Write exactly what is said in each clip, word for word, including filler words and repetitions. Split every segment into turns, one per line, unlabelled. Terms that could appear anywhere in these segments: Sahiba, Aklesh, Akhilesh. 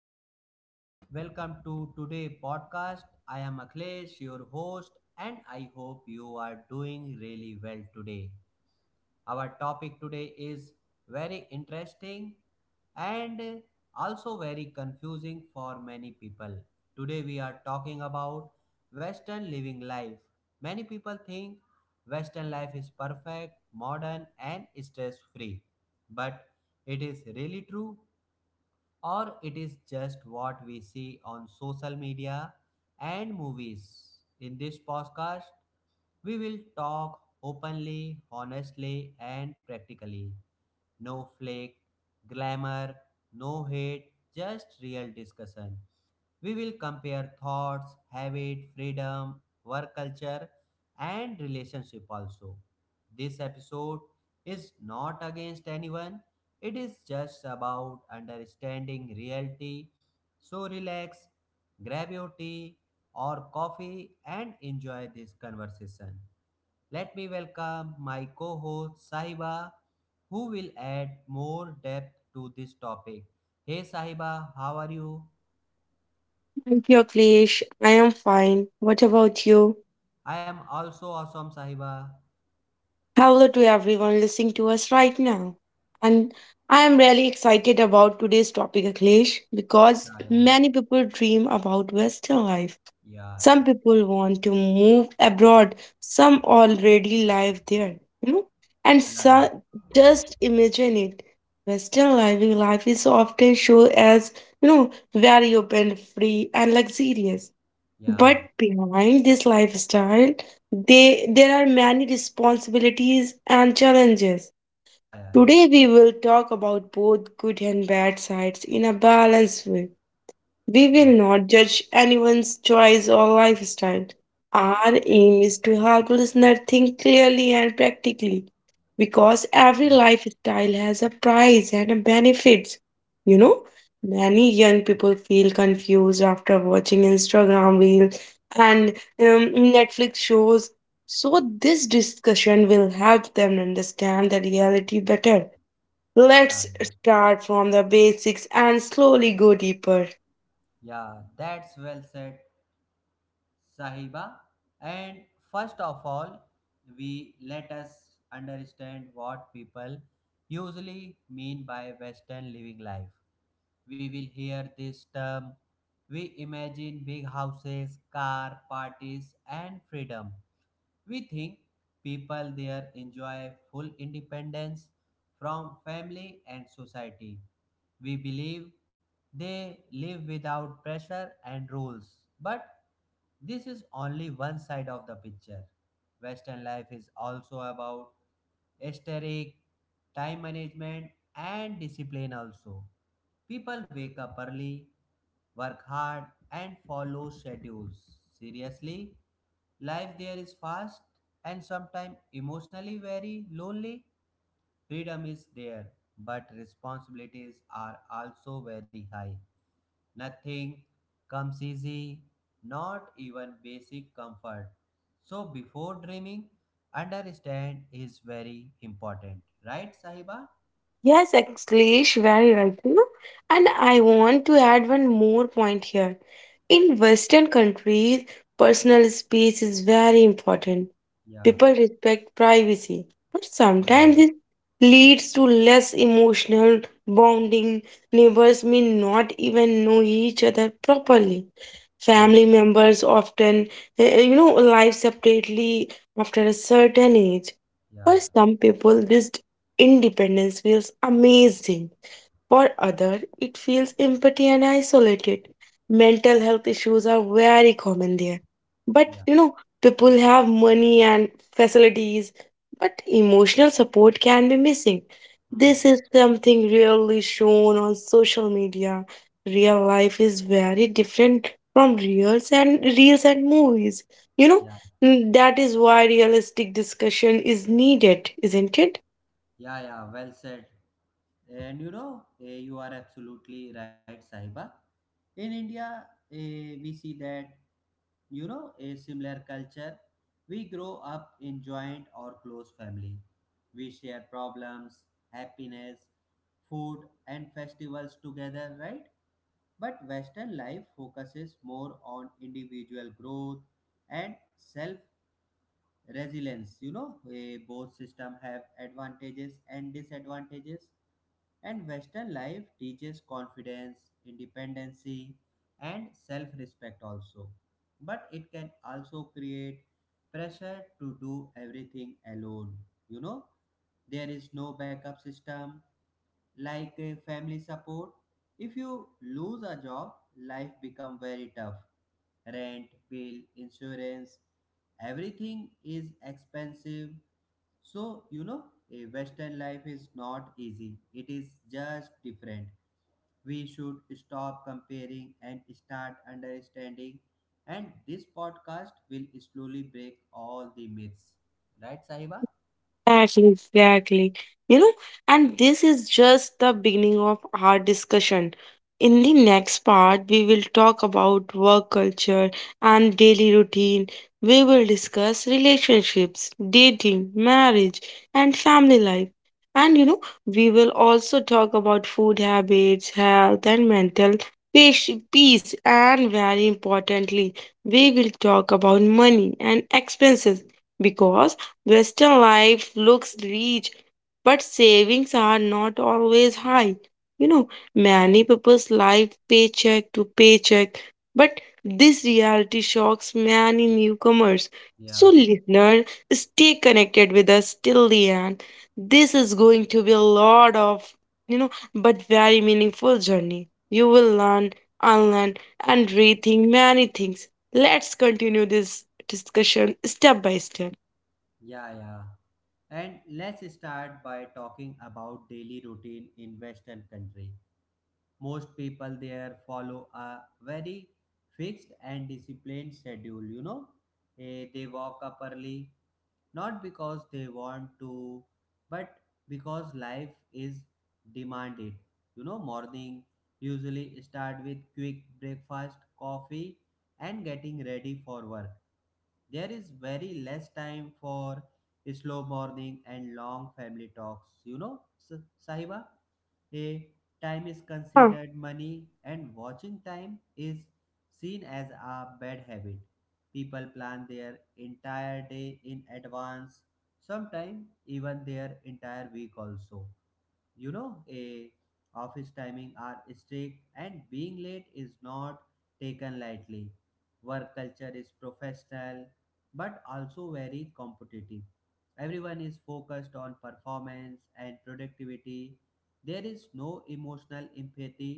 everyone, welcome to today podcast. I am Akhilesh, your host, and I hope you are doing really well today. Our topic today is very interesting and also very confusing for many people. Today we are talking about Western living life. Many people think Western life is perfect, modern, and stress free. But it is really true or it is just what we see on social media and movies. In this podcast, we will talk openly, honestly, and practically. No flake, glamour, no hate, just real discussion. We will compare thoughts, habit, freedom, work culture, and relationship also. This episode is not against anyone, it is just about understanding reality. So relax, grab your tea or coffee and enjoy this conversation. Let me welcome my co host Sahiba, who will add more depth to this topic. Hey Sahiba, how are you?
Thank you, Aklesh. I am fine. What about you?
I am also awesome, Sahiba.
Hello to everyone listening to us right now. And I am really excited about today's topic, Aklesh, because
Yeah,
many people dream about Western life.
yeah,
Some
yeah,
people want to move abroad, some already live there, you know, and
yeah,
so just imagine it. Western living life is often shown as, you know, very open, free, and luxurious. But
yeah,
behind this lifestyle, they, there are many responsibilities and challenges.
yeah, yeah, yeah, yeah,
Today, we will talk about both good and bad sides in a balanced way. We
yeah,
will not judge anyone's choice or lifestyle. Our aim is to help listener think clearly and practically because
yeah,
every lifestyle has a price and a benefits. You know, many young people feel confused after watching Instagram reels and um, Netflix shows. So this discussion will help them understand the reality better.
yeah,
Let's
yeah.
start from the basics and slowly go deeper.
Yeah. That's well said, Sahiba. And first of all, we let us understand what people usually mean by Western living life. We will hear this term. We imagine big houses, car, parties, and freedom. We think people there enjoy full independence from family and society. We believe they live without pressure and rules. But this is only one side of the picture. Western life is also about aesthetic, time management, and discipline also. People wake up early, work hard, and follow schedules. Seriously, life there is fast and sometimes emotionally very lonely. Freedom is there, but responsibilities are also very high. Nothing comes easy, not even basic comfort. So, before dreaming, understand is very important, right, Sahiba?
Yes, Akhilesh, very right. You know. And I want to add one more point here. In Western countries, personal space is very important.
Yeah.
People respect privacy, but
Yeah,
sometimes
yeah,
it leads to less emotional bonding. Neighbors may not even know each other properly. Family members often, eh, eh, you know, live separately after a certain age.
yeah,
For
yeah,
some people, this independence feels amazing. For others, it feels empty and isolated. Mental health issues are very common there. But
yeah, yeah.
you know, people have money and facilities, but emotional support can be missing. This
Hmm.
is something rarely shown on social media. Real life is very different from reels and reels and movies. You know,
Yeah,
mm, that is why realistic discussion is needed, isn't it?
yeah, yeah. Well said. And you know, eh, you are absolutely right, Sahiba. In India, eh, we see that you know a similar culture. We grow up in joint or close family. We share problems, happiness, food, and festivals together, right? But Western life focuses more on individual growth and self resilience, you know, eh, both system have advantages and disadvantages, and Western life teaches confidence, independency, and self-respect also, but it can also create pressure to do everything alone. You know, there is no backup system like eh, family support. If you lose a job, life become very tough. Rent, bill, insurance, everything is expensive. So, you know, a Western life is not easy, it is just different. We should stop comparing and start understanding. And this podcast will slowly break all the myths. Right, Sahiba?
Exactly, exactly. You know, and this is just the beginning of our discussion. In the next part, we will talk about work culture and daily routine. We will discuss relationships, dating, marriage, and family life. And you know, we will also talk about food habits, health, and mental patient- peace. And very importantly, we will talk about money and expenses because Western life looks rich, but savings are not always high. You know, many people's life paycheck to paycheck, but this reality shocks many newcomers. So,
Yeah,
listener, stay connected with us till the end. This is going to be a lot of, you know, but very meaningful journey. You will learn, unlearn, and rethink many things. Let's continue this discussion step by step.
yeah, yeah. And let's start by talking about daily routine in Western country. Most people there follow a very fixed and disciplined schedule, you know. Eh, they walk up early, not because they want to, but because life is demanded. You know, morning usually start with quick breakfast, coffee, and getting ready for work. There is very less time for slow morning and long family talks, you know. S- Sahiba, a time is
Huh.
considered money, and watching time is seen as a bad habit. People plan their entire day in advance, sometimes even their entire week also. You know, a office timing are strict and being late is not taken lightly. Work culture is professional but also very competitive. Everyone is focused on performance and productivity. There is no emotional empathy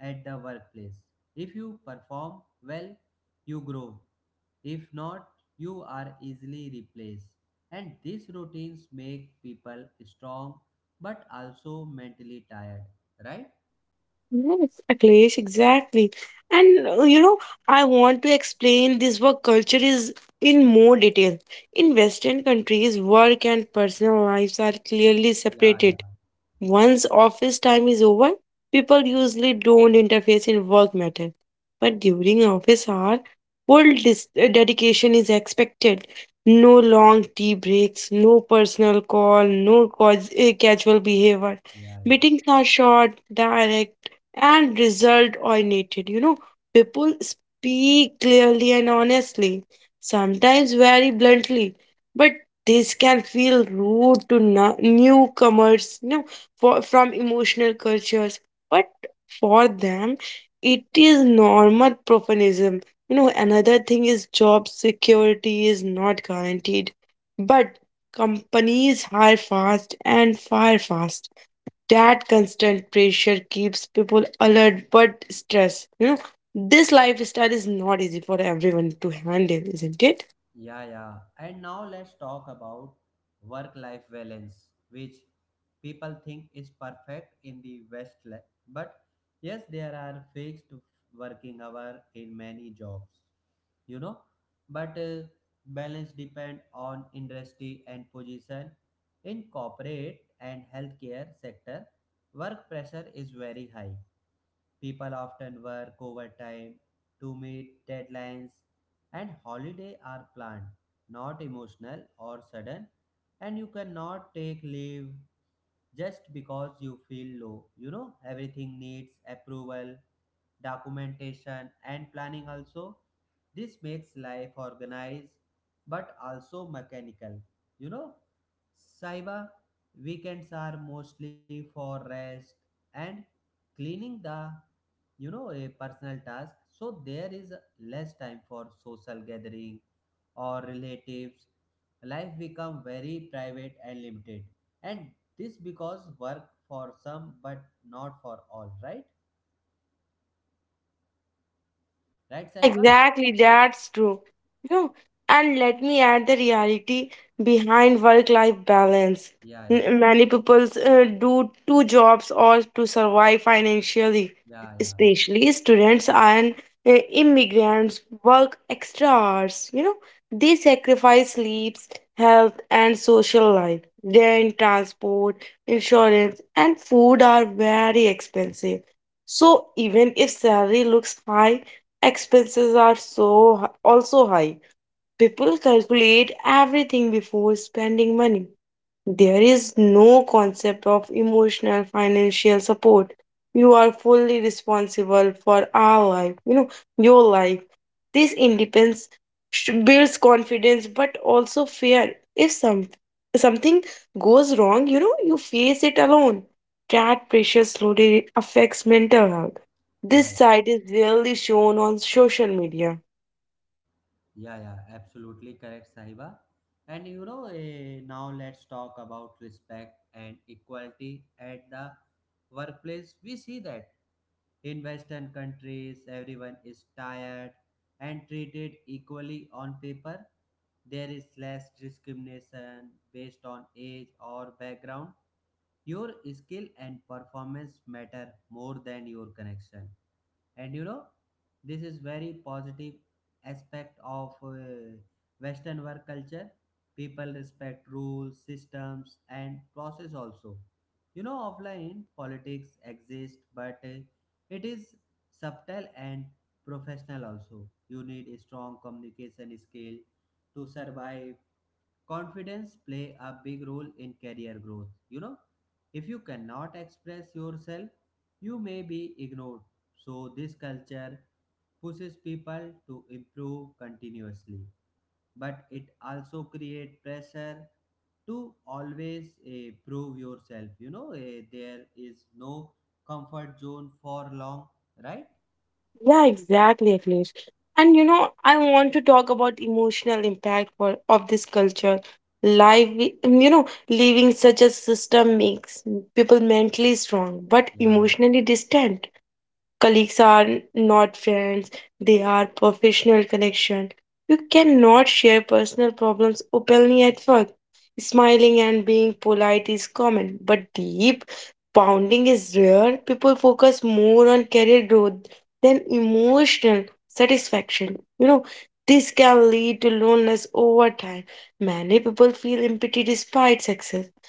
at the workplace. If you perform well, you grow. If not, you are easily replaced. And these routines make people strong but also mentally tired, right?
Yes, Akhilesh, exactly. And uh, you know, I want to explain this work culture is in more detail. In Western countries, work and personal lives are clearly
Yeah, yeah,
separated. Once office time is over, people usually don't interface in work matter. But during office hour, full dis- uh, dedication is expected. No long tea breaks, no personal call, no cause, uh, casual behavior.
yeah, yeah.
Meetings are short, direct, and result oriented. You know, people speak clearly and honestly, sometimes very bluntly, but this can feel rude to no- newcomers. You know, for, from emotional cultures, but for them, it is normal profanism. You know, another thing is job security is not guaranteed, but companies hire fast and fire fast. That constant pressure keeps people alert but stressed. You know, this lifestyle is not easy for everyone to handle, isn't it?
Yeah, yeah. And now let's talk about work life balance, which people think is perfect in the West. le- But yes, there are fixed working hour in many jobs, you know. But uh, balance depend on industry and position. In corporate and healthcare sector, work pressure is very high. People often work overtime to meet deadlines, and holiday are planned, not emotional or sudden, and you cannot take leave just because you feel low. You know, everything needs approval, documentation, and planning also. This makes life organized but also mechanical. You know, Saiba, weekends are mostly for rest and cleaning the, you know, a personal task, so there is less time for social gathering or relatives. Life become very private and limited, and this because work for some but not for all, right?
Your partner.
Right,
Yeah,
Sahiba?
exactly. That's true. You know, and let me add the reality behind work-life balance.
Yeah, yeah,
N- Many people uh, do two jobs or to survive financially,
yeah, yeah,
especially students and uh, immigrants work extra hours. You know, they sacrifice sleeps, health, and social life. Rent, transport, insurance, and food are very expensive. So even if salary looks high, expenses are so also high. People calculate everything before spending money. There is no concept of emotional financial support. You are fully responsible for our life, you know, your life. This independence sh- builds confidence but also fear. If some something goes wrong, you know, you face it alone. That pressure slowly affects mental health.
yeah,
This
yeah,
side is rarely shown on social media.
yeah, yeah. Absolutely correct, Sahiba. And you know, eh, now let's talk about respect and equality at the workplace. We see that in Western countries, everyone is tired and treated equally on paper. There is less discrimination based on age or background. Your skill and performance matter more than your connection. And you know, this is very positive aspect of uh, Western work culture. People respect rules, systems, and process also. You know, offline politics exist, but uh, it is subtle and professional also. You need a strong communication skill to survive. Confidence play a big role in career growth. You know, if you cannot express yourself, you may be ignored. So this culture pushes people to improve continuously, but it also create pressure to always eh, prove yourself. You know, eh, there is no comfort zone for long, right?
Yeah, exactly, Akhilesh. And you know, I want to talk about emotional impact for, of this culture. Life, you know, leaving such a system makes people mentally strong but
Yeah, yeah.
emotionally distant. Colleagues are not friends, they are professional connection. You cannot share personal problems openly at work. Smiling and being polite is common but deep bonding is rare. People focus more on career growth than emotional satisfaction. You know, this can lead to loneliness over time. Many people feel empty despite success.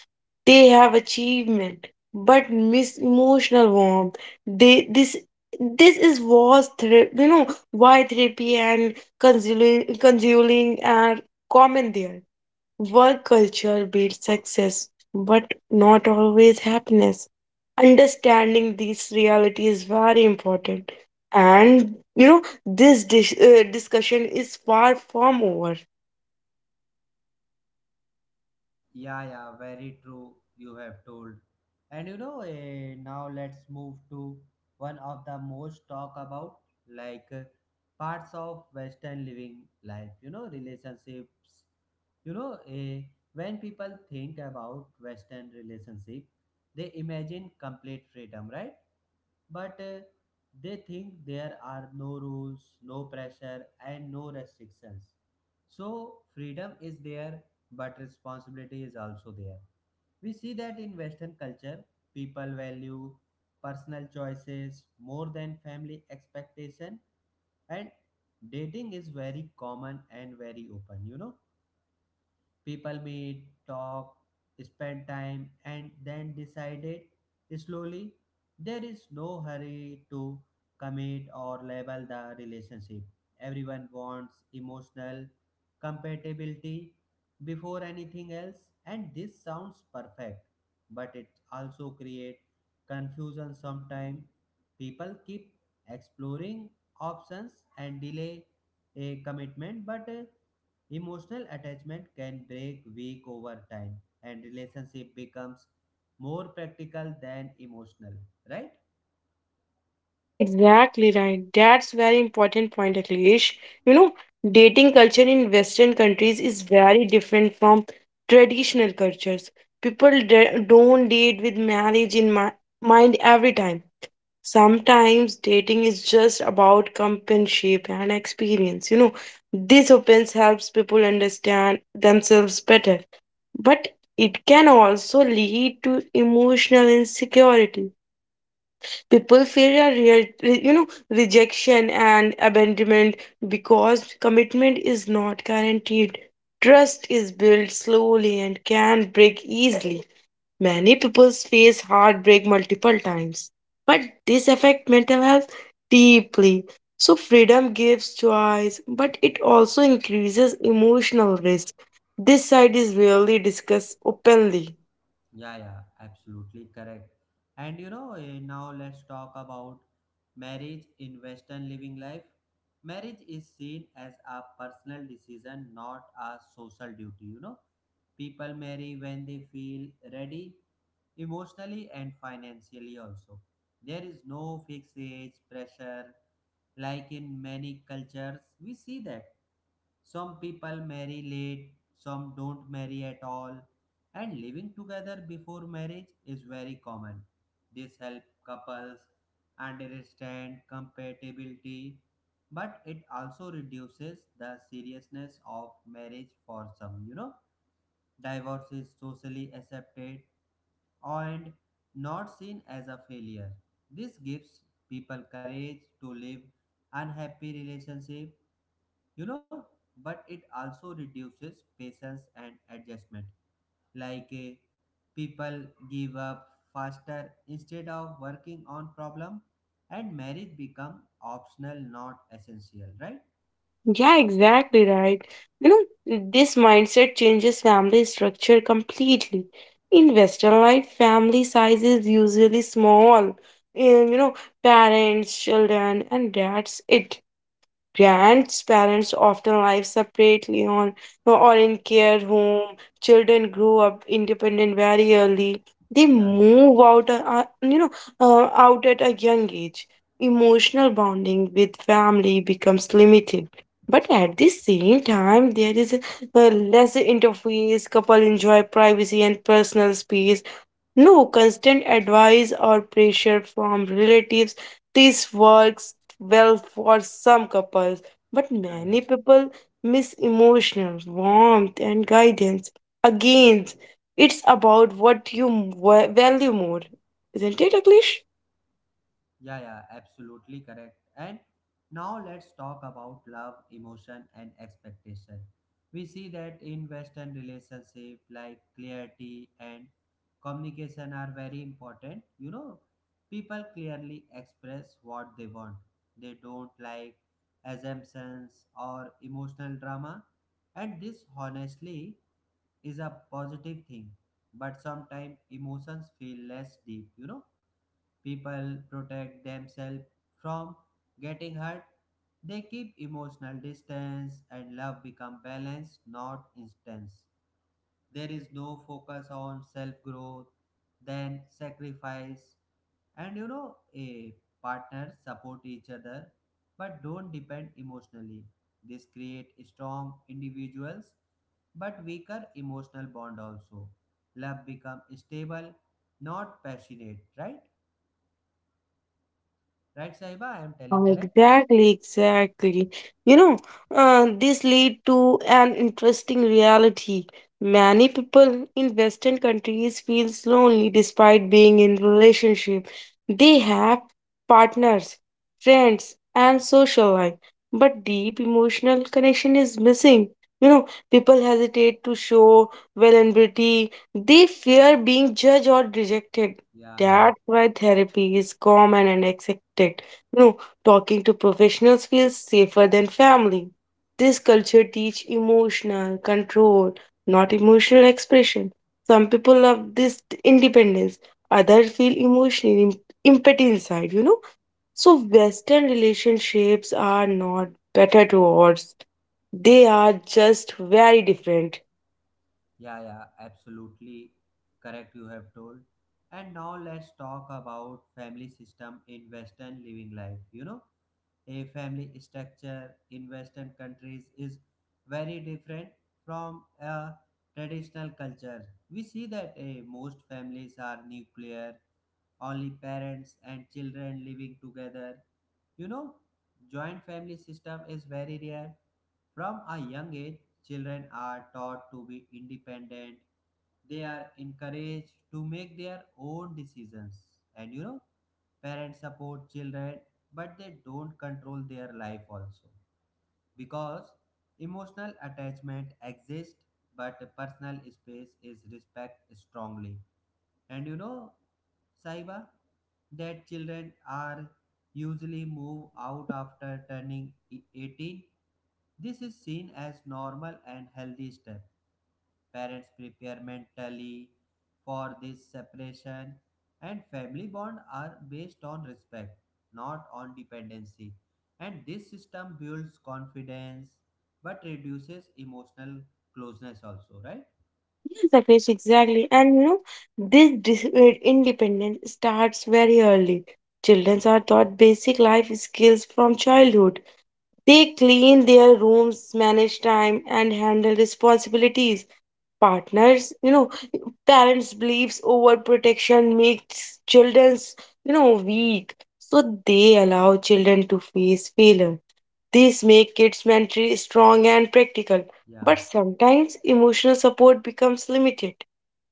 They have achievement but miss emotional warmth. They this this is was Therapy, you know, why therapy and consoling, consoling are common there. Work culture builds success, but not always happiness. Understanding this reality is very important, and you know this dis- uh, discussion is far from over.
Yeah, yeah, very true. You have told. And you know, eh, now let's move to one of the most talk about, like eh, parts of Western living life, you know, relationships. You know, eh, when people think about western relationship, they imagine complete freedom, right? But eh, they think there are no rules, no pressure, and no restrictions. So freedom is there, but responsibility is also there. We see that in western culture, people value personal choices more than family expectation. And dating is very common and very open. You know, people meet, talk, spend time, and then decided slowly. There is no hurry to commit or label the relationship. Everyone wants emotional compatibility before anything else, and this sounds perfect, but it also creates confusion sometimes. People keep exploring options and delay a commitment, but uh, emotional attachment can break weak over time and relationship becomes more practical than emotional, right?
Exactly right. That's very important point, Akhilesh. You know, dating culture in Western countries is very different from traditional cultures. People da- don't date with marriage in mi- mind every time. Sometimes dating is just about companionship and experience. You know, this opens helps people understand themselves better, but it can also lead to emotional insecurity. People fear a re- re- you know rejection and abandonment because commitment is not guaranteed. Trust is built slowly and can break easily. Many people face heartbreak multiple times, but this affects mental health deeply. So freedom gives choice, but it also increases emotional risk. This side is rarely discussed openly.
Yeah, yeah, absolutely correct. And you know, eh, now let's talk about marriage in Western living life. Marriage is seen as a personal decision, not a social duty, you know. People marry when they feel ready, emotionally and financially also. There is no fixed age pressure like in many cultures. We see that some people marry late, some don't marry at all, and living together before marriage is very common. This helps couples understand compatibility, but it also reduces the seriousness of marriage for some. You know, divorce is socially accepted and not seen as a failure. This gives people courage to live unhappy relationship, you know, but it also reduces patience and adjustment. Like eh, people give up faster instead of working on problem, and marriage become optional, not essential, right?
Yeah, exactly right. You know, this mindset changes family structure completely. In Western life, family size is usually small. And, you know, parents, children, and that's it. Grandparents often live separately on uh, or in care home. Children grow up independent very early. They
Yeah,
move out, uh, uh, you know, uh, out at a young age. Emotional bonding with family becomes limited. But at the same time, there is a, a less interface. Couple enjoy privacy and personal space, no constant advice or pressure from relatives. This works well for some couples, but
yeah, yeah. Yeah.
many people miss emotional warmth and guidance. Again, it's about what you wa- value more. Isn't it, Akhilesh?
Yeah, yeah, absolutely correct. And now let's talk about love, emotion, and expectation. We see that in Western relationship, like clarity and communication are very important. You know, people clearly express what they want. They don't like assumptions or emotional drama, and this honestly is a positive thing. But sometimes emotions feel less deep. You know, people protect themselves from getting hurt. They keep emotional distance, and love become balanced, not intense. There is no focus on self growth, then sacrifice, and you know, a partner support each other but don't depend emotionally. This create strong individuals but weaker emotional bond also. Love become stable, not passionate, right? Right, Saiba? I am telling
Yeah,
correct?
exactly, exactly. You know, uh, this lead to an interesting reality. Many people in Western countries feels lonely despite being in relationship. They have partners, friends, and social life, but deep emotional connection is missing. You know, people hesitate to show vulnerability. They fear being judged or rejected.
Yeah, yeah,
That's why therapy is common and accepted. Talking to professionals feels safer than family. This culture teach emotional control, not emotional expression. Some people love this independence, others feel emotional im- empathy inside, you know. So Western relationships are not better towards, they are just very different.
yeah, yeah, absolutely correct. You have told. And now let's talk about family system in Western living life. You know, a family structure in Western countries is very different from a traditional culture. We see that eh, most families are nuclear, only parents and children living together. You know, joint family system is very rare. From a young age, children are taught to be independent. They are encouraged to make their own decisions. And you know, parents support children, but they don't control their life also. Because emotional attachment exists, but personal space is respected strongly. And you know, Saiba, that children are usually move out after turning e- eighteen. This is seen as normal and healthy step. Parents prepare mentally for this separation, and family bond are based on respect, not on dependency. And this system builds confidence but reduces emotional closeness also, right?
Yes, Akash, exactly. And you know, this dis- uh, independence starts very early. Children are taught basic life skills from childhood. They clean their rooms, manage time, and handle responsibilities. Partners, you know, parents' beliefs over protection makes children's, you know, weak. So they allow children to face failure. These make kids mentally strong and practical.
Yeah,
But sometimes emotional support becomes limited.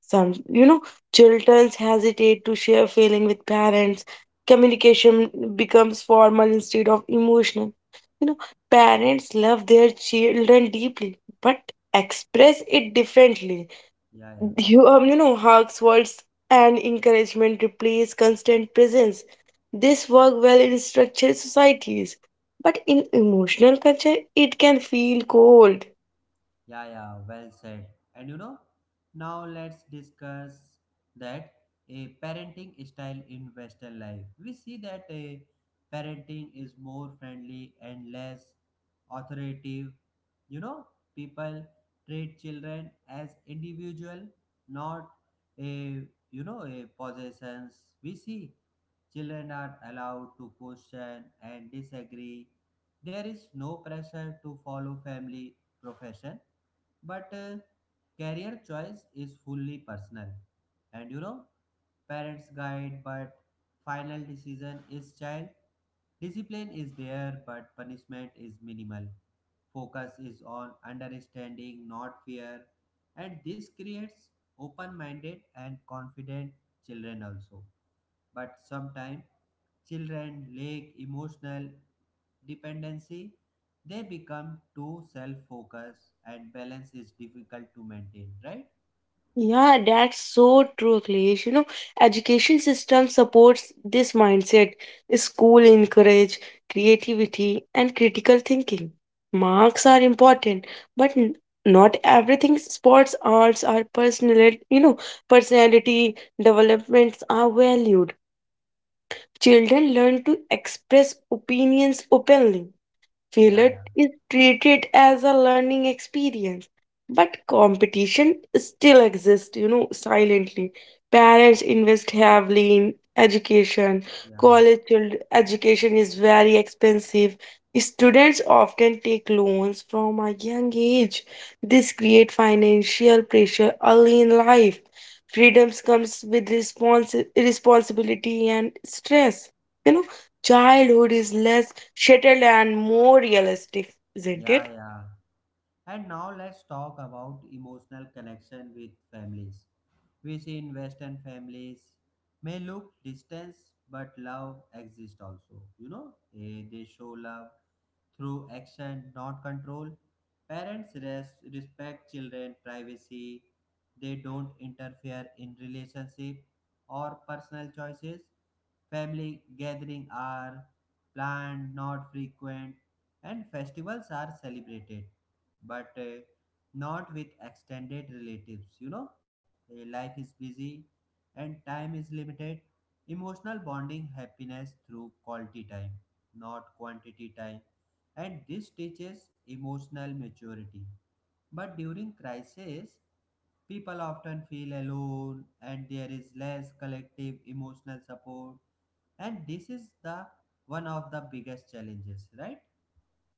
Some, you know, children hesitate to share feeling with parents. Communication becomes formal instead of emotional. You know, parents love their children deeply, but express it differently.
yeah, yeah.
You, um, you know, hugs, words, and encouragement replace constant presence. This work well in structured societies, but in emotional culture, it can feel cold.
Yeah, yeah, well said. And you know, now let's discuss that a parenting style in Western life. We see that a parenting is more friendly and less authoritative. You know, people treat children as individual, not a, you know, a possessions. We see children are allowed to question and disagree. There is no pressure to follow family profession, but uh, career choice is fully personal, and you know parents guide, but final decision is child. Discipline is there, but punishment is minimal. Focus is on understanding, not fear, and this creates open-minded and confident children also. But sometimes children lack emotional dependency, they become too self focused, and balance is difficult to maintain, right?
Yeah, that's so true, Akhilesh. You know, education system supports this mindset. School encourage creativity and critical thinking. Marks are important, but n- not everything. Sports, arts, are personality. You know, personality developments are valued. Children learn to express opinions openly.
Yeah,
Failure
yeah,
is treated as a learning experience, but competition still exists, you know, silently. Parents invest heavily in education.
yeah,
College child education is very expensive. Students often take loans from a young age. This creates financial pressure early in life. Freedoms comes with respons- responsibility and stress. You know, childhood is less shuttle and more realistic, isn't
yeah.
it?
yeah. And now let's talk about emotional connection with families. We see in Western families may look distance, but love exists also. You know, Eh, they show love through action, not control. Parents res- respect children's privacy. They don't interfere in relationship or personal choices. Family gatherings are planned, not frequent, and festivals are celebrated, but uh, not with extended relatives. You know, Uh, life is busy and time is limited. Emotional bonding happiness through quality time, not quantity time, and this teaches emotional maturity. But during crisis, people often feel alone, and there is less collective emotional support, and this is the one of the biggest challenges, right?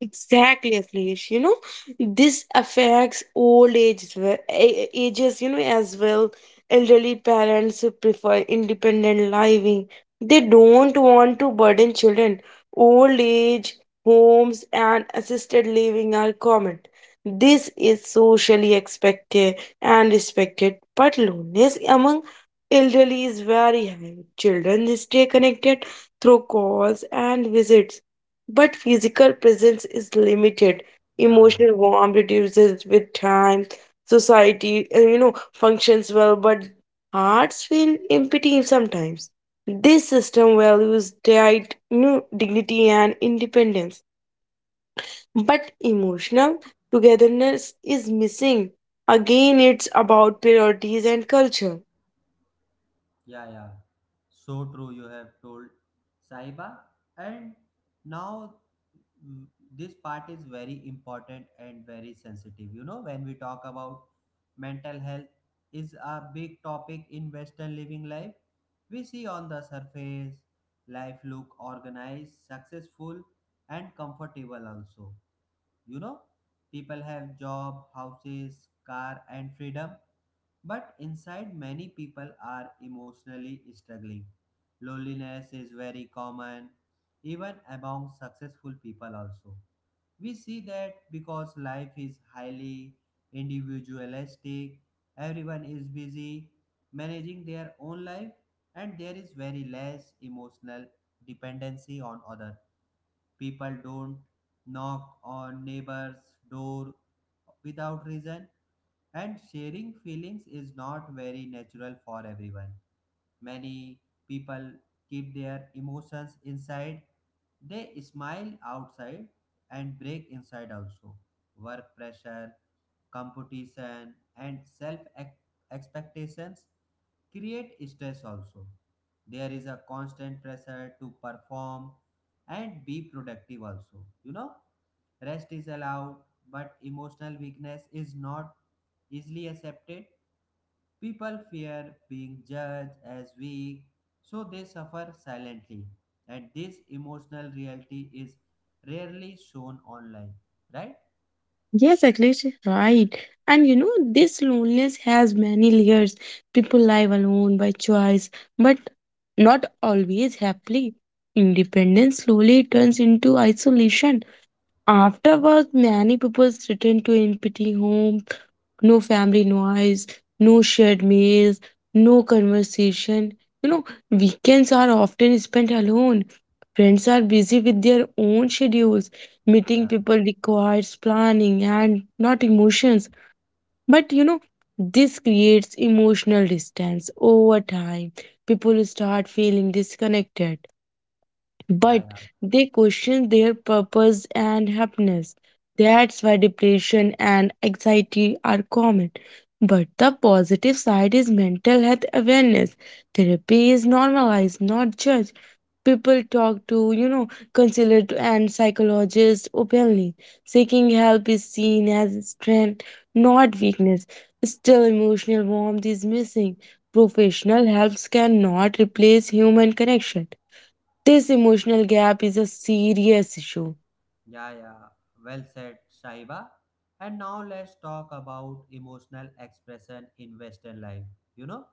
Exactly, Akhilesh. You know, this affects old age as well- a- a- ages, you know, as well. Elderly parents who prefer independent living. They don't want to burden children. Old age homes and assisted living are common. This is socially expected and respected, but loneliness among elderly is very high. Children stay connected through calls and visits but physical presence is limited.
yeah yeah
Emotional warmth reduces with time. Society, uh, you know, functions well, but hearts feel empty sometimes. This system values died, you know, dignity and independence, but emotional togetherness is missing. Again, it's about priorities and culture.
Yeah, yeah. So true, you have told, Sahiba. And now, mm, this part is very important and very sensitive. You know, when we talk about mental health is a big topic in Western living life. We see on the surface life look organized, successful, and comfortable also. You know, people have job, houses, car, and freedom, but inside, many people are emotionally struggling. Loneliness is very common, even among successful people, also. We see that because life is highly individualistic, everyone is busy managing their own life, and there is very less emotional dependency on other. People don't knock on neighbors' door without reason, and sharing feelings is not very natural for everyone. Many people keep their emotions inside. They smile outside and break inside also. Work pressure, competition, and self expectations create stress also. There is a constant pressure to perform and be productive also, you know. Rest is allowed, but emotional weakness is not easily accepted. People fear being judged as weak, so they suffer silently, and this emotional reality is rarely shown online, right?
Yes, exactly right. And you know, this loneliness has many layers. People live alone by choice, but not always happily. Independence slowly turns into isolation. Afterwards, many people return to empty homes, no family noise, no shared meals, no conversation. You know, weekends are often spent alone. Friends are busy with their own schedules. Meeting
yeah
people requires planning and not emotions. But you know, this creates emotional distance over time. People start feeling disconnected
yeah
but
yeah
they question their purpose and happiness. That's why depression and anxiety are common. But the positive side is mental health awareness. Therapy is normalized, not judged. People talk to, you know, counselors and psychologists openly. Seeking help is seen as strength, not weakness. Still, emotional warmth is missing. Professional helps cannot replace human connection, this emotional gap is a serious issue.
Yeah, yeah. Well said, Shaiba. And now let's talk about emotional expression in Western life. You know,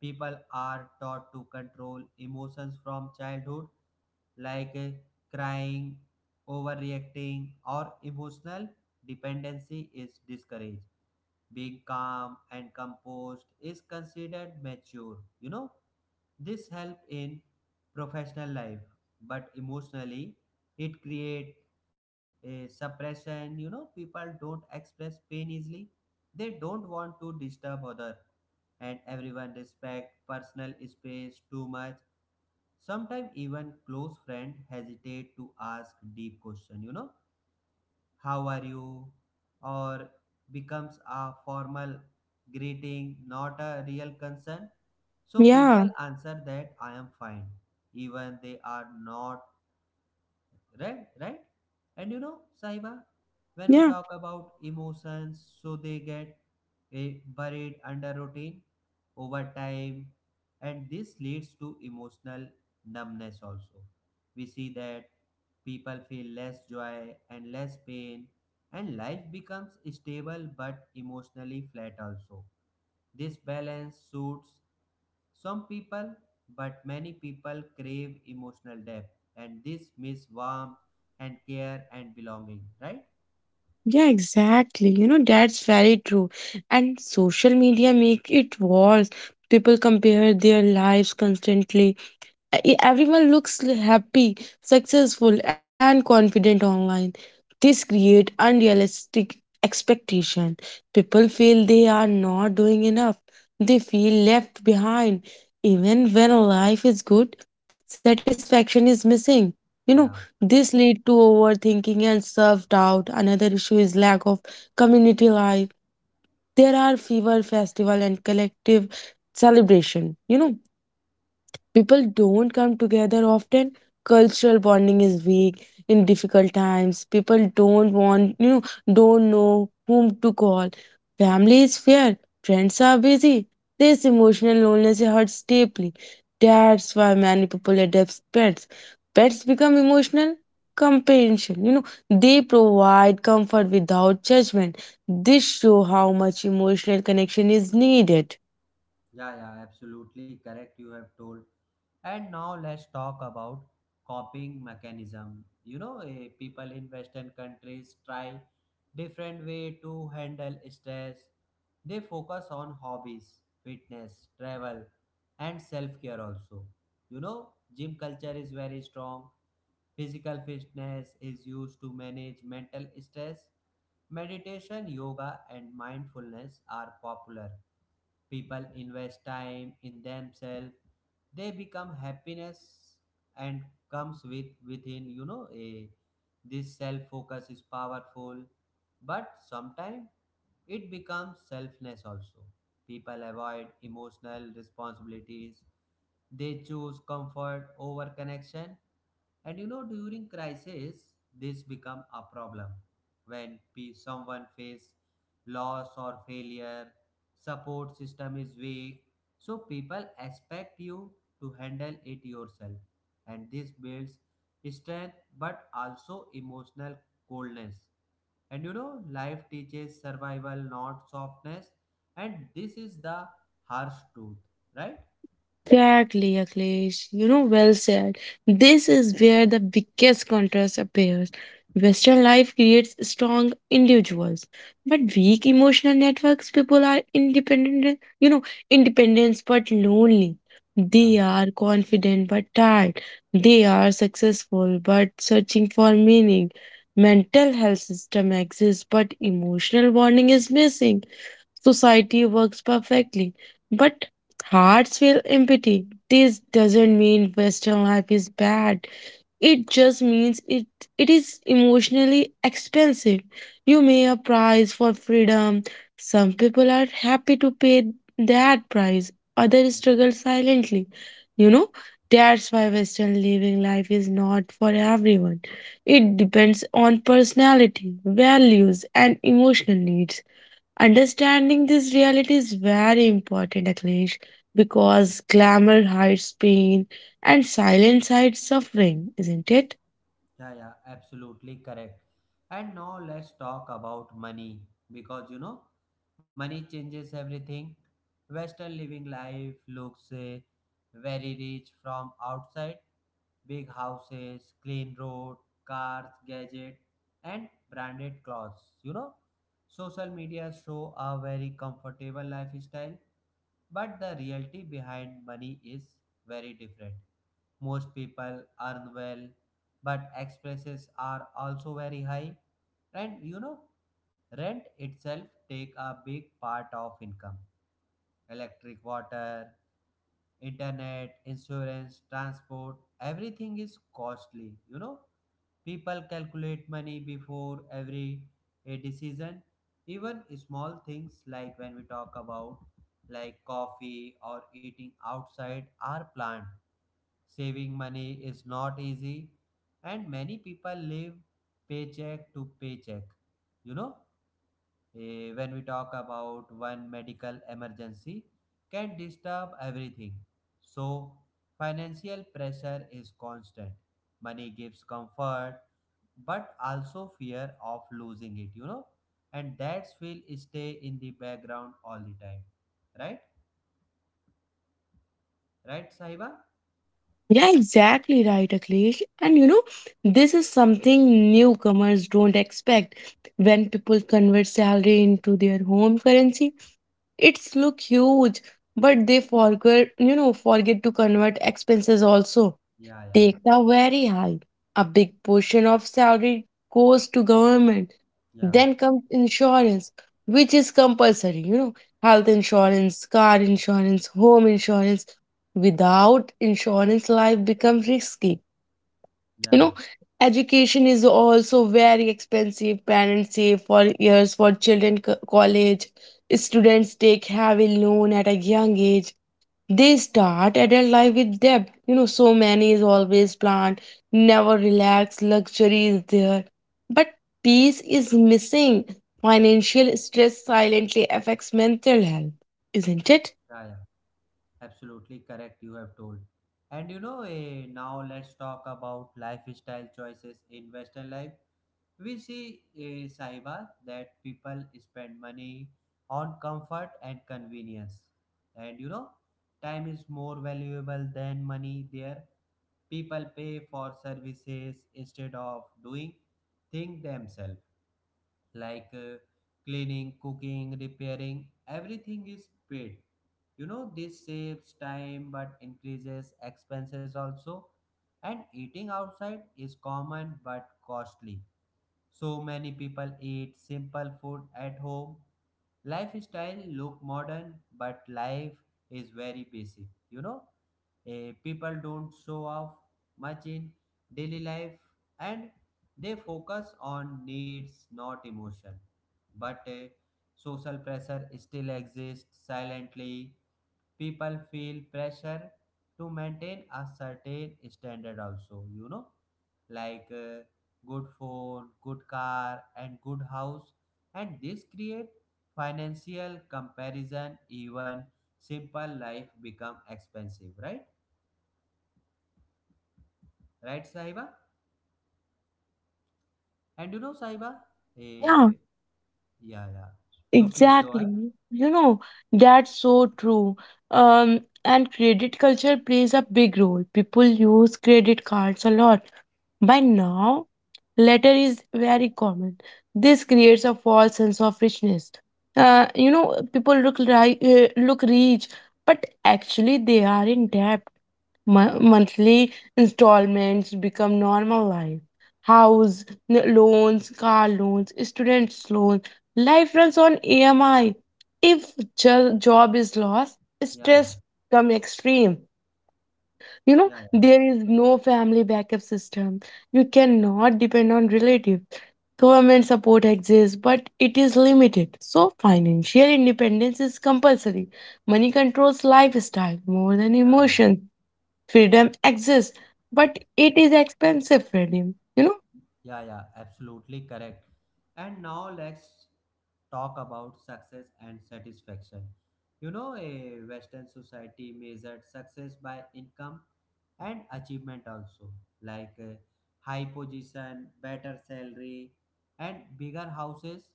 people are taught to control emotions from childhood, like eh, crying, overreacting, or emotional dependency is discouraged. Being calm and composed is considered mature. You know, this help in professional life, but emotionally it create a suppression. You know, people don't express pain easily. They don't want to disturb other, and everyone respect personal space too much. Sometimes even close friend hesitate to ask deep question. You know, how are you, or becomes a formal greeting, not a real concern. So
Yeah,
people answer that I am fine, even they are not, right, right? And you know, Sahiba, when we
yeah,
talk about emotions, so they get eh, buried under routine over time, and this leads to emotional numbness also. We see that people feel less joy and less pain, and life becomes stable but emotionally flat also. This balance suits some people, but many people, crave emotional depth, and this miss warmth and care and belonging, right?
yeah, exactly. You know, that's very true. And social media make it worse. People compare their lives constantly. E- everyone looks happy, successful, and confident online. This creates unrealistic expectation. People feel they are not doing enough. They feel left behind. Even when life is good, satisfaction is missing. You know,
Yeah,
this lead to overthinking and self-doubt. Another issue is lack of community life. There are fever festival and collective celebration. You know, people don't come together often. Cultural bonding is weak in difficult times. People don't want, you know, don't know whom to call. Family is fair. Friends are busy. This emotional loneliness hurts deeply. That's why many people adopt pets. Pets become emotional companionship. You know, they provide comfort without judgment. This show how much emotional connection is needed.
yeah, yeah, absolutely correct. You have told. And now let's talk about coping mechanism. You know, eh, people in Western countries try different way to handle stress. They focus on hobbies, fitness, travel, and self care also. You know, gym culture is very strong. Physical fitness is used to manage mental stress. Meditation, yoga, and mindfulness are popular. People invest time in themselves. They become happiness and comes with within, you know a this self focus is powerful, but sometimes it becomes selfless also. People avoid emotional responsibilities. They choose comfort over connection. And you know, during crisis, this become a problem. When pe- someone face loss or failure, support system is weak, so people expect you to handle it yourself. And this builds strength but also emotional coldness. And you know, life teaches survival, not softness. And this is the harsh truth, right?
Exactly, Akhilesh. You know, well said. This is where the biggest contrast appears. Western life creates strong individuals, but weak emotional networks. People are independent, you know, independent but lonely.
Yeah,
They are confident but tired. They are successful but searching for meaning. Mental health system exists, but emotional bonding is missing, society works perfectly. But hearts feel empty. This doesn't mean Western life is bad. It just means it it is emotionally expensive. You pay a price for freedom. Some people are happy to pay that price. Others
yeah,
struggle silently. You know? That's why Western living life is not for everyone. It depends on personality, values, and emotional needs. Understanding this reality is very important, Akhilesh,
yeah.
because glamour hides pain and silence hides suffering, isn't it?
Yeah, yeah, absolutely correct. And now let's talk about money because you know, money changes everything. Western living life looks uh, very rich from outside. Big houses, clean road, cars, gadget, and branded clothes. You know, social media show a very comfortable lifestyle, but the reality behind money is very different. Most people earn well, but expenses are also very high. And you know, rent itself take a big part of income. Electric, water, internet, insurance, transport, everything is costly. You know, people calculate money before every a decision. Even small things like when we talk about like coffee or eating outside are planned. Saving money is not easy, and many people live paycheck to paycheck. You know, eh, when we talk about one medical emergency, can disturb everything. So, financial pressure is constant. Money gives comfort, but also fear of losing it, you know, and that's will stay in the background all the time. Right? Right, Sahiba?
Yeah, exactly right, Akhilesh. And you know, this is something newcomers don't expect. When people convert salary into their home currency, it's look huge, but they forget, you know, forget to convert expenses also.
Yeah, yeah,
Takes are very high. A big portion of salary goes to government.
yeah,
Then comes insurance, which is compulsory, you know, health insurance, car insurance, home insurance. Without insurance, life becomes risky.
yeah,
You
yeah, yeah,
know, education is also very expensive. Parents save for years for children co- college. Students take heavy loan at a young age. They start adult life with debt. You know, so many is always planned, never relax, luxury is there. But peace is missing. Financial stress silently affects mental health, isn't it?
yeah. Absolutely correct, you have told. And you know, eh, now let's talk about lifestyle choices in Western life. We see, eh, Sahiba, that people spend money on comfort and convenience. And you know, time is more valuable than money there. People pay for services instead of doing things themselves, like uh, cleaning, cooking, repairing, everything is paid. You know, this saves time but increases expenses also. And eating outside is common but costly. So many people eat simple food at home. Lifestyle look modern, but life is very basic. You know, Eh, people don't show off much in daily life, and they focus on needs, not emotion. But eh, social pressure still exists silently. People feel pressure to maintain a certain standard also, you know, like uh, good phone, good car, and good house, and this create financial comparison. Even simple life become expensive, right? Right, saiba? And you know, saiba, eh, yeah yeah so please go ahead.
Exactly. You know, that's so true. Um, and credit culture plays a big role. People use credit cards a lot. By now, letter is very common. This creates a false sense of richness. Uh, you know, people look like uh, look rich, but actually they are in debt. Mo- monthly installments become normal life. House n- loans, car loans, students loans. Life runs on A M I. If jo- job is lost,
yeah yeah
stress become extreme. You know
yeah yeah
there is no family backup system. You cannot depend on relative. Government support exists, but it is limited. So financial independence is compulsory. Money controls lifestyle more than
yeah yeah
emotion, freedom exists, but it is expensive freedom, you know?
Yeah, yeah, absolutely correct. And now let's talk about success and satisfaction. You know, a Western society measured success by income and achievement also, like uh, high position, better salary, and bigger houses.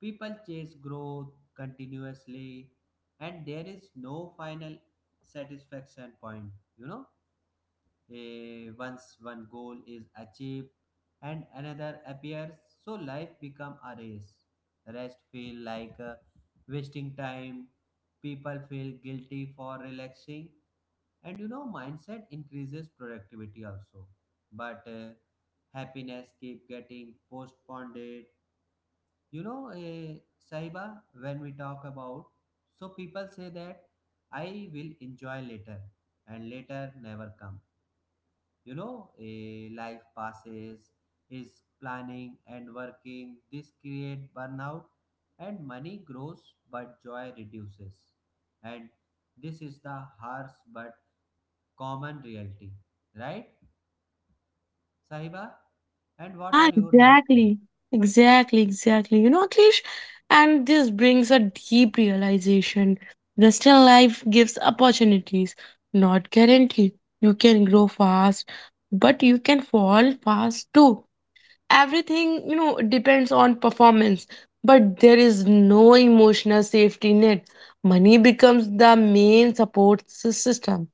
People chase growth continuously, and there is no final satisfaction point, you know. Eh, once one goal is achieved and another appears, so life become a race. Rest feel like uh, wasting time. People feel guilty for relaxing, and you know mindset increases productivity also, but uh, happiness keep getting postponed. You know, uh, saiba, when we talk about, so people say that I will enjoy later and later never comes. You know a life passes is planning and working, this create burnout, and money grows but joy reduces. And this is the harsh but common reality, right, sahiba? And what
Yeah,
are your more thoughts?
exactly. Exactly, exactly. You know, Akhilesh, and this brings a deep realization. Western life gives opportunities, not guarantee. You can grow fast, but you can fall fast too. Everything, you know, depends on performance, but there is no emotional safety net. Money becomes the main support sys- system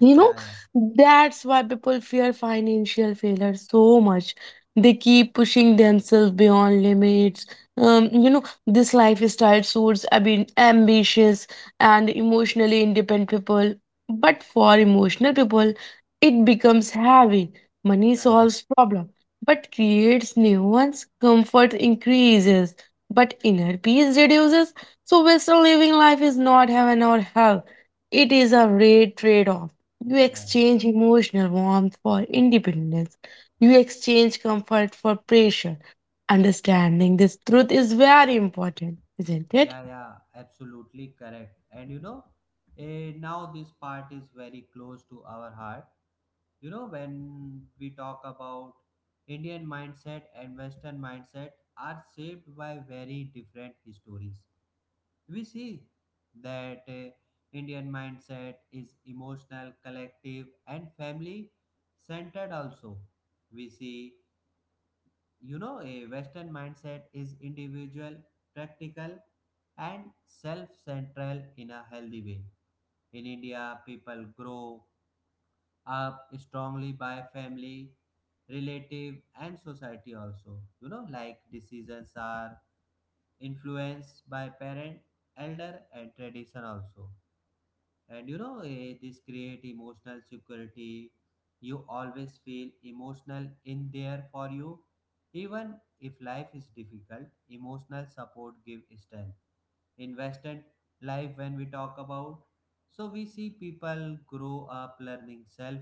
You know,
yeah yeah
that's why people fear financial failure so much. They keep pushing themselves beyond limits. Um, you know, this lifestyle suits abi- ambitious and emotionally independent people. But for emotional people, it becomes heavy. Money
yeah
solves problem, but creates new ones. Comfort increases, but inner peace reduces. So, Western living life is not heaven or hell. It is a rare trade-off, you
yeah yeah
exchange emotional warmth for independence. You exchange comfort for pressure. Understanding this truth is very important, isn't it?
yeah yeah Absolutely correct. And you know, eh, now this part is very close to our heart. You know, when we talk about Indian mindset and Western mindset are shaped by very different histories. We see that, uh, Indian mindset is emotional collective and family centered also. We see, you know, a Western mindset is individual, practical, and self-central in a healthy way. In India, people grow up strongly by family, relative, and society also. You know, like decisions are influenced by parent, elder, and tradition also. And you know, eh, this create emotional security. You always feel emotional in there for you. Even if life is difficult, emotional support give strength. In Western life, when we talk about, so we see people grow up learning self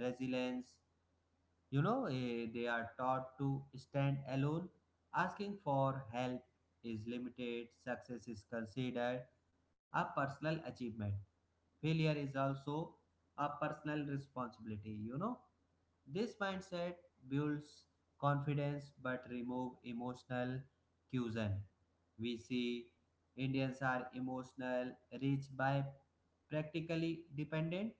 resilience. You know, eh, they are taught to stand alone. Asking for help is limited, success is considered a personal achievement, failure is also a personal responsibility. You know, this mindset builds confidence but remove emotional cuisine. We see Indians are emotional, rich by practically dependent,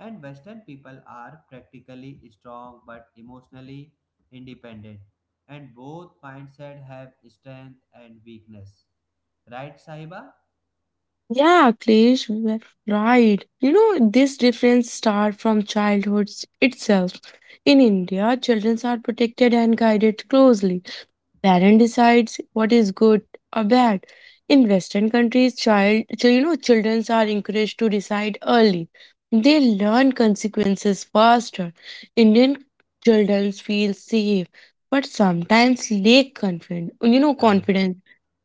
and Western people are practically strong but emotionally independent. And both mindset have strength and weakness. Right, Sahiba?
Yeah, Klesh, you were right. You know, this difference starts from childhood s- itself. In India, children are protected and guided closely. Parent decides what is good or bad. In Western countries, child chil- you know, children are encouraged to decide early. They learn consequences faster. Indian children feel safe, but sometimes lack confidence. You know
Yeah,
confidence.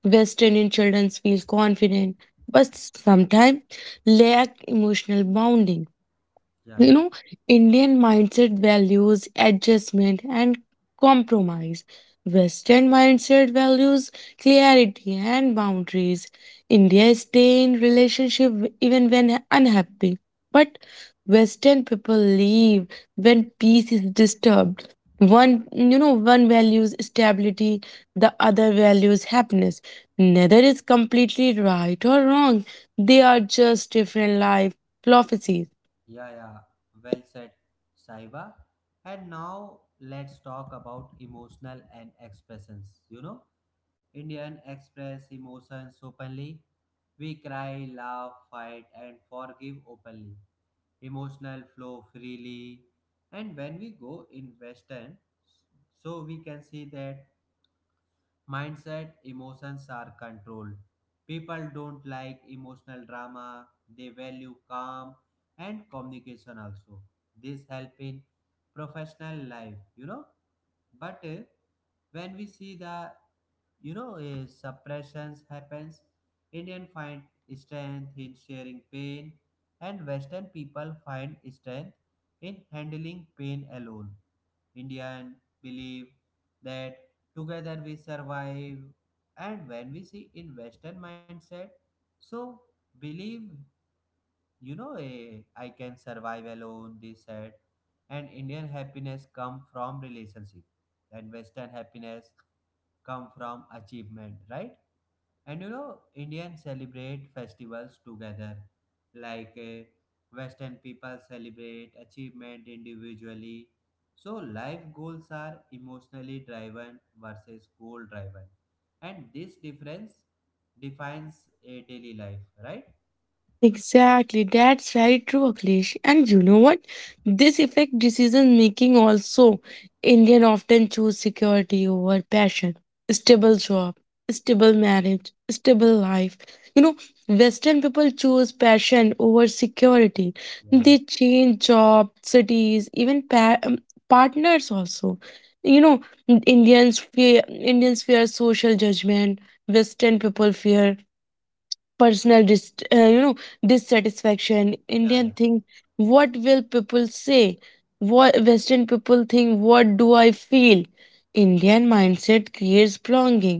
West Indian children feel confident, but sometimes lack emotional bonding,
yeah,
you
yeah.
know, Indian mindset values adjustment and compromise, Western mindset values clarity and boundaries. India stay in relationship even when unhappy, but Western people leave when peace is disturbed. One you know one values stability, the other values happiness. Neither is completely right or wrong, they are just different life philosophies.
Yeah, yeah, well said, Saiba. And now let's talk about emotional and expressions. You know, Indian express emotions openly. We cry, laugh, fight, and forgive openly. Emotional flow freely. And when we go in Western, so we can see that mindset emotions are controlled. People don't like emotional drama, they value calm and communication also. This help in professional life, you know. But uh, when we see the, you know, uh, suppressions happens, Indian find strength in sharing pain, and Western people find strength in handling pain alone. Indian believe that together we survive. And when we see in Western mindset, so believe, you know, eh, I can survive alone. They said, and Indian happiness come from relationship, and Western happiness come from achievement, right? And you know, Indians celebrate festivals together, like uh, Western people celebrate achievement individually. So, life goals are emotionally driven versus goal driven, and this difference defines a daily life, right?
Exactly, that's very true, Akhilesh. And you know what? This affect decision making also. Indian often choose security over passion, stable job, stable marriage, stable life. You know, Western people choose passion over security.
Yeah,
They change job, cities, even pa- um, partners also. You know, Indians fear Indians fear social judgment. Western people fear personal dis- uh, you know, dissatisfaction. Indian
yeah,
think what will people say, what Western people think, what do I feel. Indian mindset creates belonging,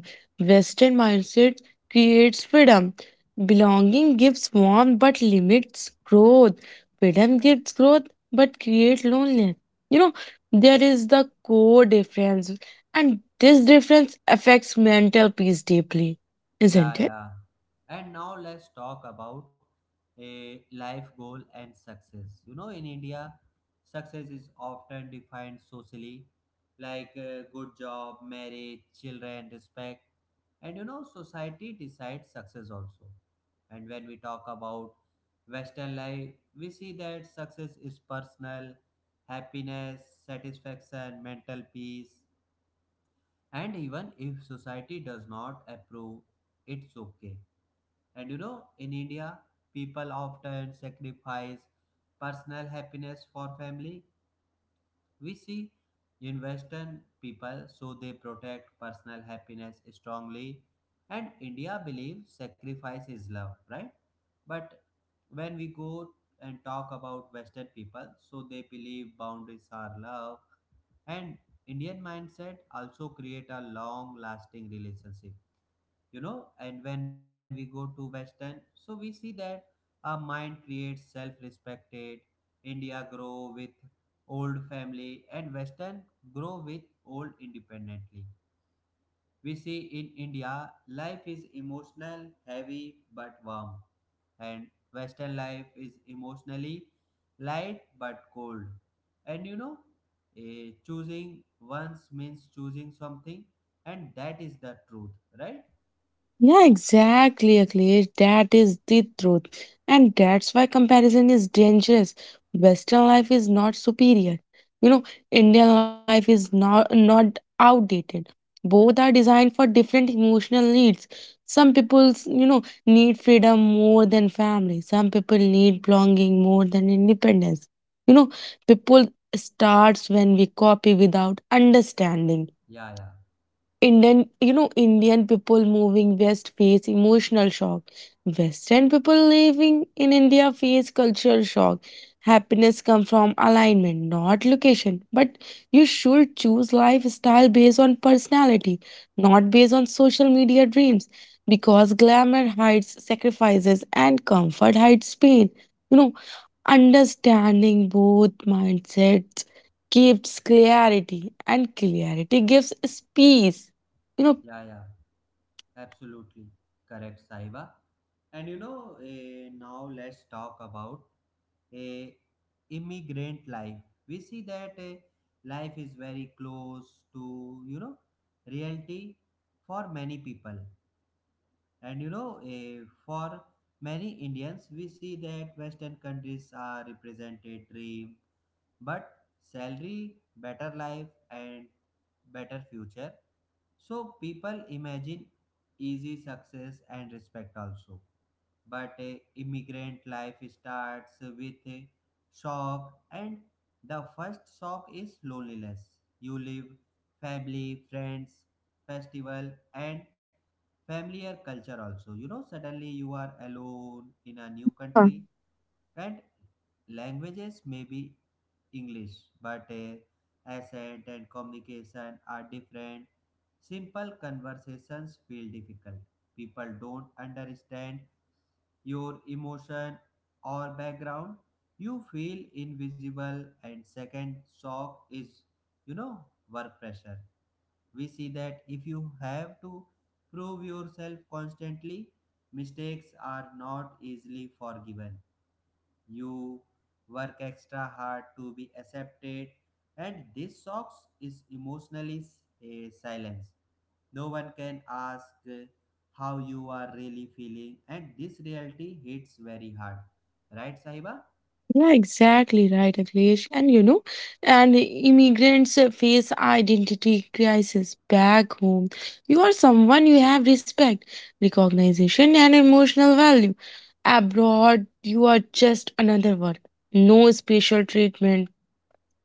Western mindset creates freedom. Belonging gives warmth but limits growth, freedom gives growth but creates loneliness. You know, there is the core difference, and this difference affects mental peace deeply,
Yeah,
isn't it?
yeah. And now let's talk about a life goal and success. You know, in India, success is often defined socially, like a good job, marriage, children, respect. And you know, society decides success also. And when we talk about Western life, we see that success is personal, happiness, satisfaction, mental peace. And even if society does not approve, it's okay. And you know, in India, people often sacrifice personal happiness for family. We see in Western people, so they protect personal happiness strongly. And India believes sacrifice is love, right? But when we go and talk about Western people, so they believe boundaries are love. And Indian mindset also create a long lasting relationship, you know. And when we go to Western, so we see that our mind creates self-respected. India grow with old family, and Western grow with old independently. We see in India life is emotional heavy but warm, and Western life is emotionally light but cold. And you know, eh, choosing once means choosing something, and that is the truth, right?
Yeah, exactly, Akhilesh. That is the truth. And that's why comparison is dangerous. Western life is not superior. You know, Indian life is not, not outdated. Both are designed for different emotional needs. Some people, you know, need freedom more than family. Some people need belonging more than independence. You know, people starts when we copy without understanding.
yeah yeah
Indian, you know, Indian people moving west face emotional shock. Western people living in India face cultural shock. Happiness comes from alignment, not location. But you should choose lifestyle based on personality, not based on social media dreams. Because glamour hides sacrifices and comfort hides pain. You know, understanding both mindsets gives clarity, and clarity gives peace, you know.
Yeah, yeah, absolutely correct, Saiba. And you know, eh, now let's talk about a immigrant life. We see that eh, life is very close to, you know, reality for many people. And you know, eh, for many Indians, we see that Western countries are represented dream, but salary, better life, and better future. So people imagine easy success and respect also. But a immigrant life starts with a shock, and the first shock is loneliness. You leave family, friends, festival, and familiar culture also. You know, suddenly you are alone in a new
Huh.
country, and languages may be English, but uh, accent and communication are different. Simple conversations feel difficult. People don't understand your emotion or background. You feel invisible. And second shock is, you know, work pressure. We see that if you have to prove yourself constantly, mistakes are not easily forgiven. You work extra hard to be accepted, and this socks is emotionally uh, silence. No one can ask uh, how you are really feeling, and this reality hits very hard, right, Sahiba?
Yeah, exactly right, Akhilesh. And you know, and immigrants uh, face identity crisis. Back home you are someone, you have respect, recognition and emotional value. Abroad you are just another one, no special treatment.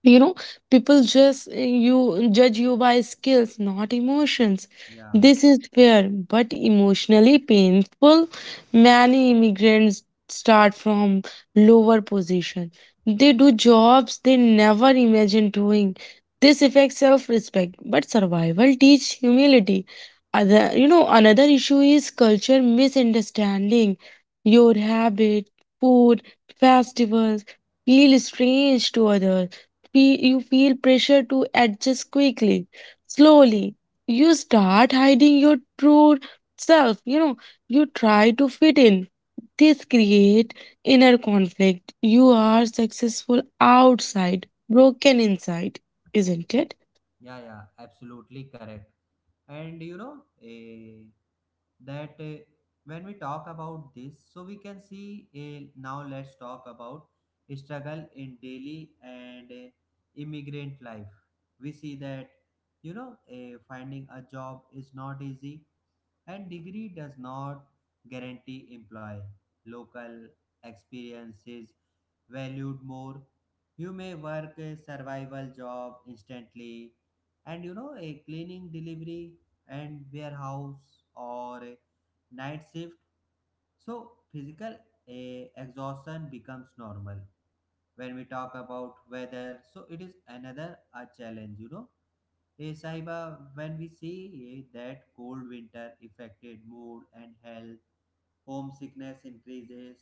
You know, people just eh, you judge you by skills, not emotions.
Yeah,
This is fair but emotionally painful. Many immigrants start from lower position, they do jobs they never imagined doing. This affects self-respect but survival teach humility. Other you know another issue is culture misunderstanding. Your habit, food, festivals feel strange to others. Fe- you feel pressure to adjust quickly. Slowly, you start hiding your true self. You know, you try to fit in. This create inner conflict. You are successful outside, broken inside, isn't it?
yeah, yeah, absolutely correct. And you know, eh, that eh, when we talk about this, so we can see, eh, now let's talk about struggle in daily and eh, immigrant life. We see that, you know, eh, finding a job is not easy, and degree does not guarantee employ. Local experience is valued more. You may work a survival job instantly, and you know, a cleaning delivery and warehouse or a night shift. So physical eh, exhaustion becomes normal. When we talk about weather, so it is another a challenge, you know. Hey Sahiba, when we see eh, that cold winter affected mood and health, homesickness increases,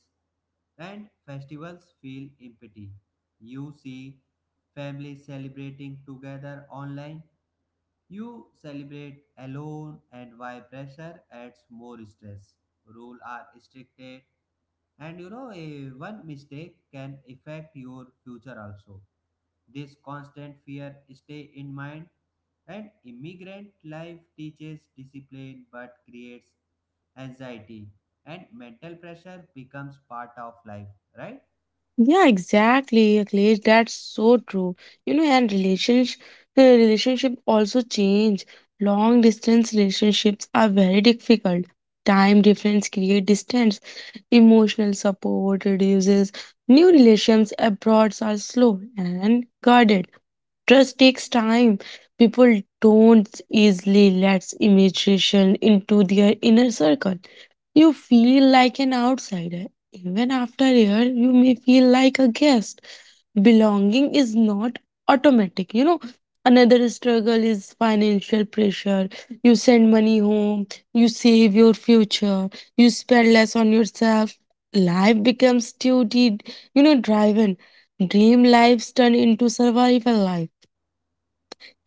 and festivals feel empty. You see families celebrating together online, you celebrate alone, and why pressure adds more stress. Rules are stricted, and you know, a one mistake can affect your future also. This constant fear stay in mind, and immigrant life teaches discipline but creates anxiety, and mental pressure becomes part of life, right?
Yeah, exactly, Akhilesh. That's so true. You know, and relationship relationship also change. Long distance relationships are very difficult. Time difference create distance. Emotional support reduces. New relations abroad are slow and guarded. Trust takes time. People don't easily let imagination into their inner circle. You feel like an outsider. Even after a year, you may feel like a guest. Belonging is not automatic. You know, another struggle is financial pressure. You send money home, you save your future, you spend less on yourself. Life becomes duty, you know, driven. Dream lives turn into survival life.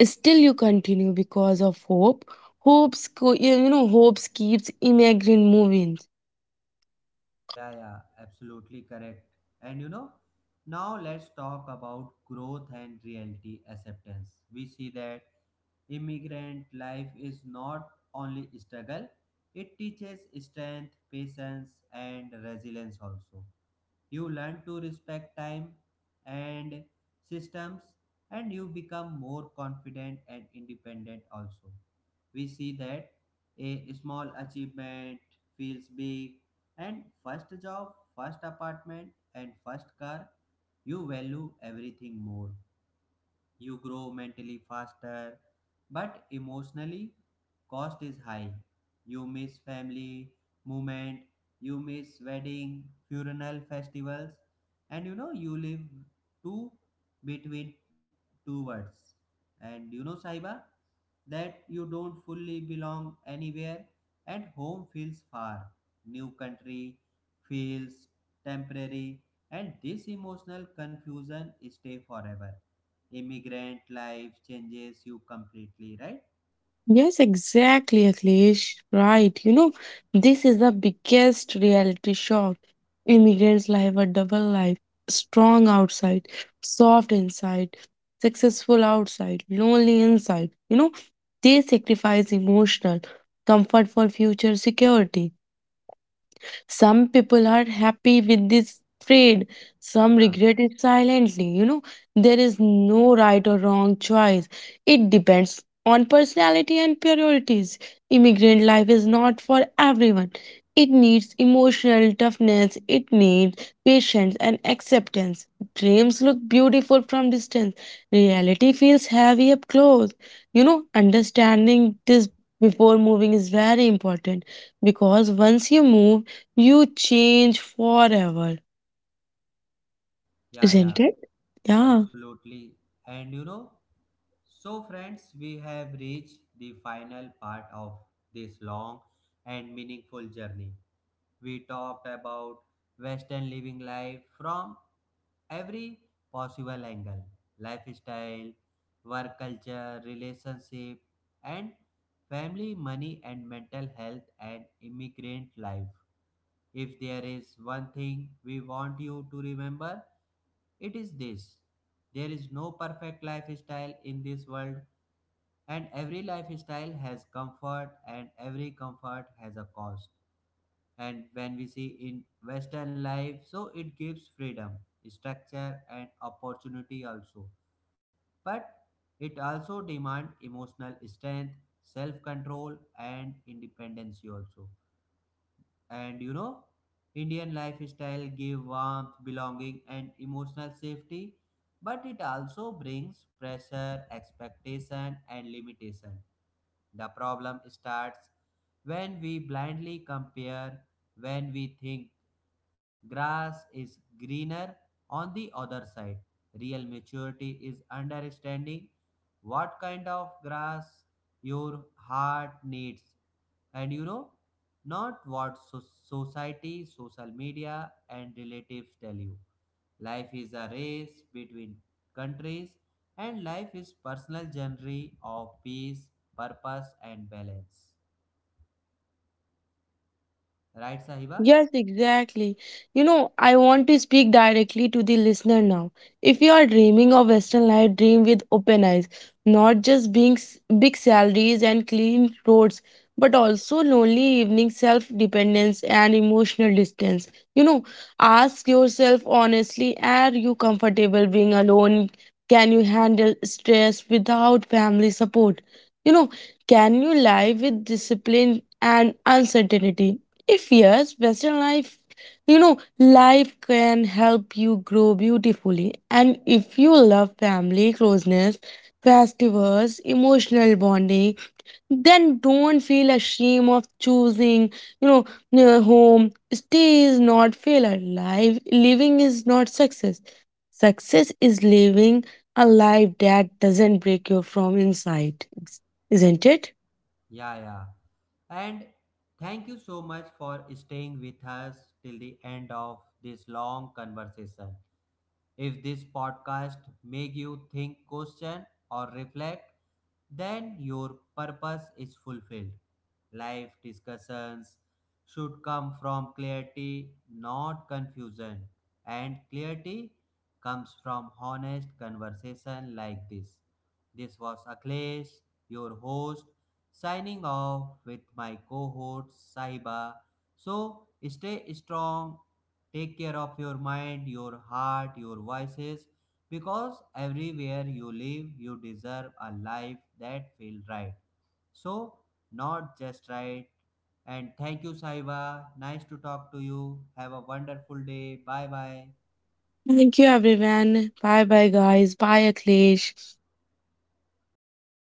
Still, you continue because of hope. Hopes, co- you know, hopes keeps immigrant moving.
Yeah, yeah, absolutely correct. And you know, now let's talk about growth and reality acceptance. We see that immigrant life is not only struggle, it teaches strength, patience, and resilience also. You learn to respect time and systems, and you become more confident and independent also. We see that a small achievement feels big, and first job, first apartment, and first car, you value everything more. You grow mentally faster, but emotionally cost is high. You miss family moment, you miss wedding, funeral festivals. And you know, you live two between two worlds. And you know, Saiba, that you don't fully belong anywhere, and home feels far, new country feels temporary, and this emotional confusion stay forever. Immigrant life changes you completely, right?
Yes, exactly, Akhilesh. Right. You know, this is the biggest reality shock. Immigrants live a double life, strong outside, soft inside, successful outside, lonely inside. You know, they sacrifice emotional comfort for future security. Some people are happy with this trade, some
Yeah,
regret it silently. You know, there is no right or wrong choice. It depends on personality and priorities. Immigrant life is not for everyone. It needs emotional toughness, it needs patience and acceptance. Dreams look beautiful from distance, reality feels heavy up close. You know, understanding this before moving is very important because once you move, you change forever,
yeah, yeah,
isn't it? Yeah.
absolutely. And you know, so friends, we have reached the final part of this long and meaningful journey. We talked about Western living life from every possible angle: lifestyle, work culture, relationship, and family, money, and mental health, and immigrant life. If there is one thing we want you to remember, it is this: there is no perfect lifestyle in this world, and every lifestyle has comfort, and every comfort has a cost. And when we see in Western life, so it gives freedom, structure, and opportunity also, but it also demand emotional strength, self control, and independence also. And you know, Indian lifestyle give warmth, belonging, and emotional safety, but it also brings pressure, expectation, and limitation. The problem starts when we blindly compare, when we think grass is greener on the other side. Real maturity is understanding what kind of grass your heart needs, and you know, not what so- society, social media, and relatives tell you. Life is a race between countries, and life is personal journey of peace, purpose, and balance, right Sahiba?
Yes, exactly. You know, I want to speak directly to the listener now. If you are dreaming of Western life, dream with open eyes, not just being s- big salaries and clean roads, but also lonely evenings, self-dependence and emotional distance. You know, ask yourself honestly, are you comfortable being alone? Can you handle stress without family support? You know, can you live with discipline and uncertainty? If yes, Western life, you know, life can help you grow beautifully. And if you love family closeness, festivals, emotional bonding, then don't feel ashamed of choosing, you know, near home. Stay is not failure. Life living is not success. Success is living a life that doesn't break you from inside. Isn't it?
Yeah, yeah. And thank you so much for staying with us till the end of this long conversation. If this podcast make you think, question, or reflect, then your purpose is fulfilled. Life discussions should come from clarity, not confusion. And clarity comes from honest conversation like this. This was Akhilesh, your host, signing off with my cohort Saiba. So stay strong. Take care of your mind, your heart, your voices, because everywhere you live, you deserve a life that feels right. So, not just right. And thank you, Saiba. Nice to talk to you. Have a wonderful day. Bye bye.
Thank you everyone. Bye bye guys. Bye Akhilesh.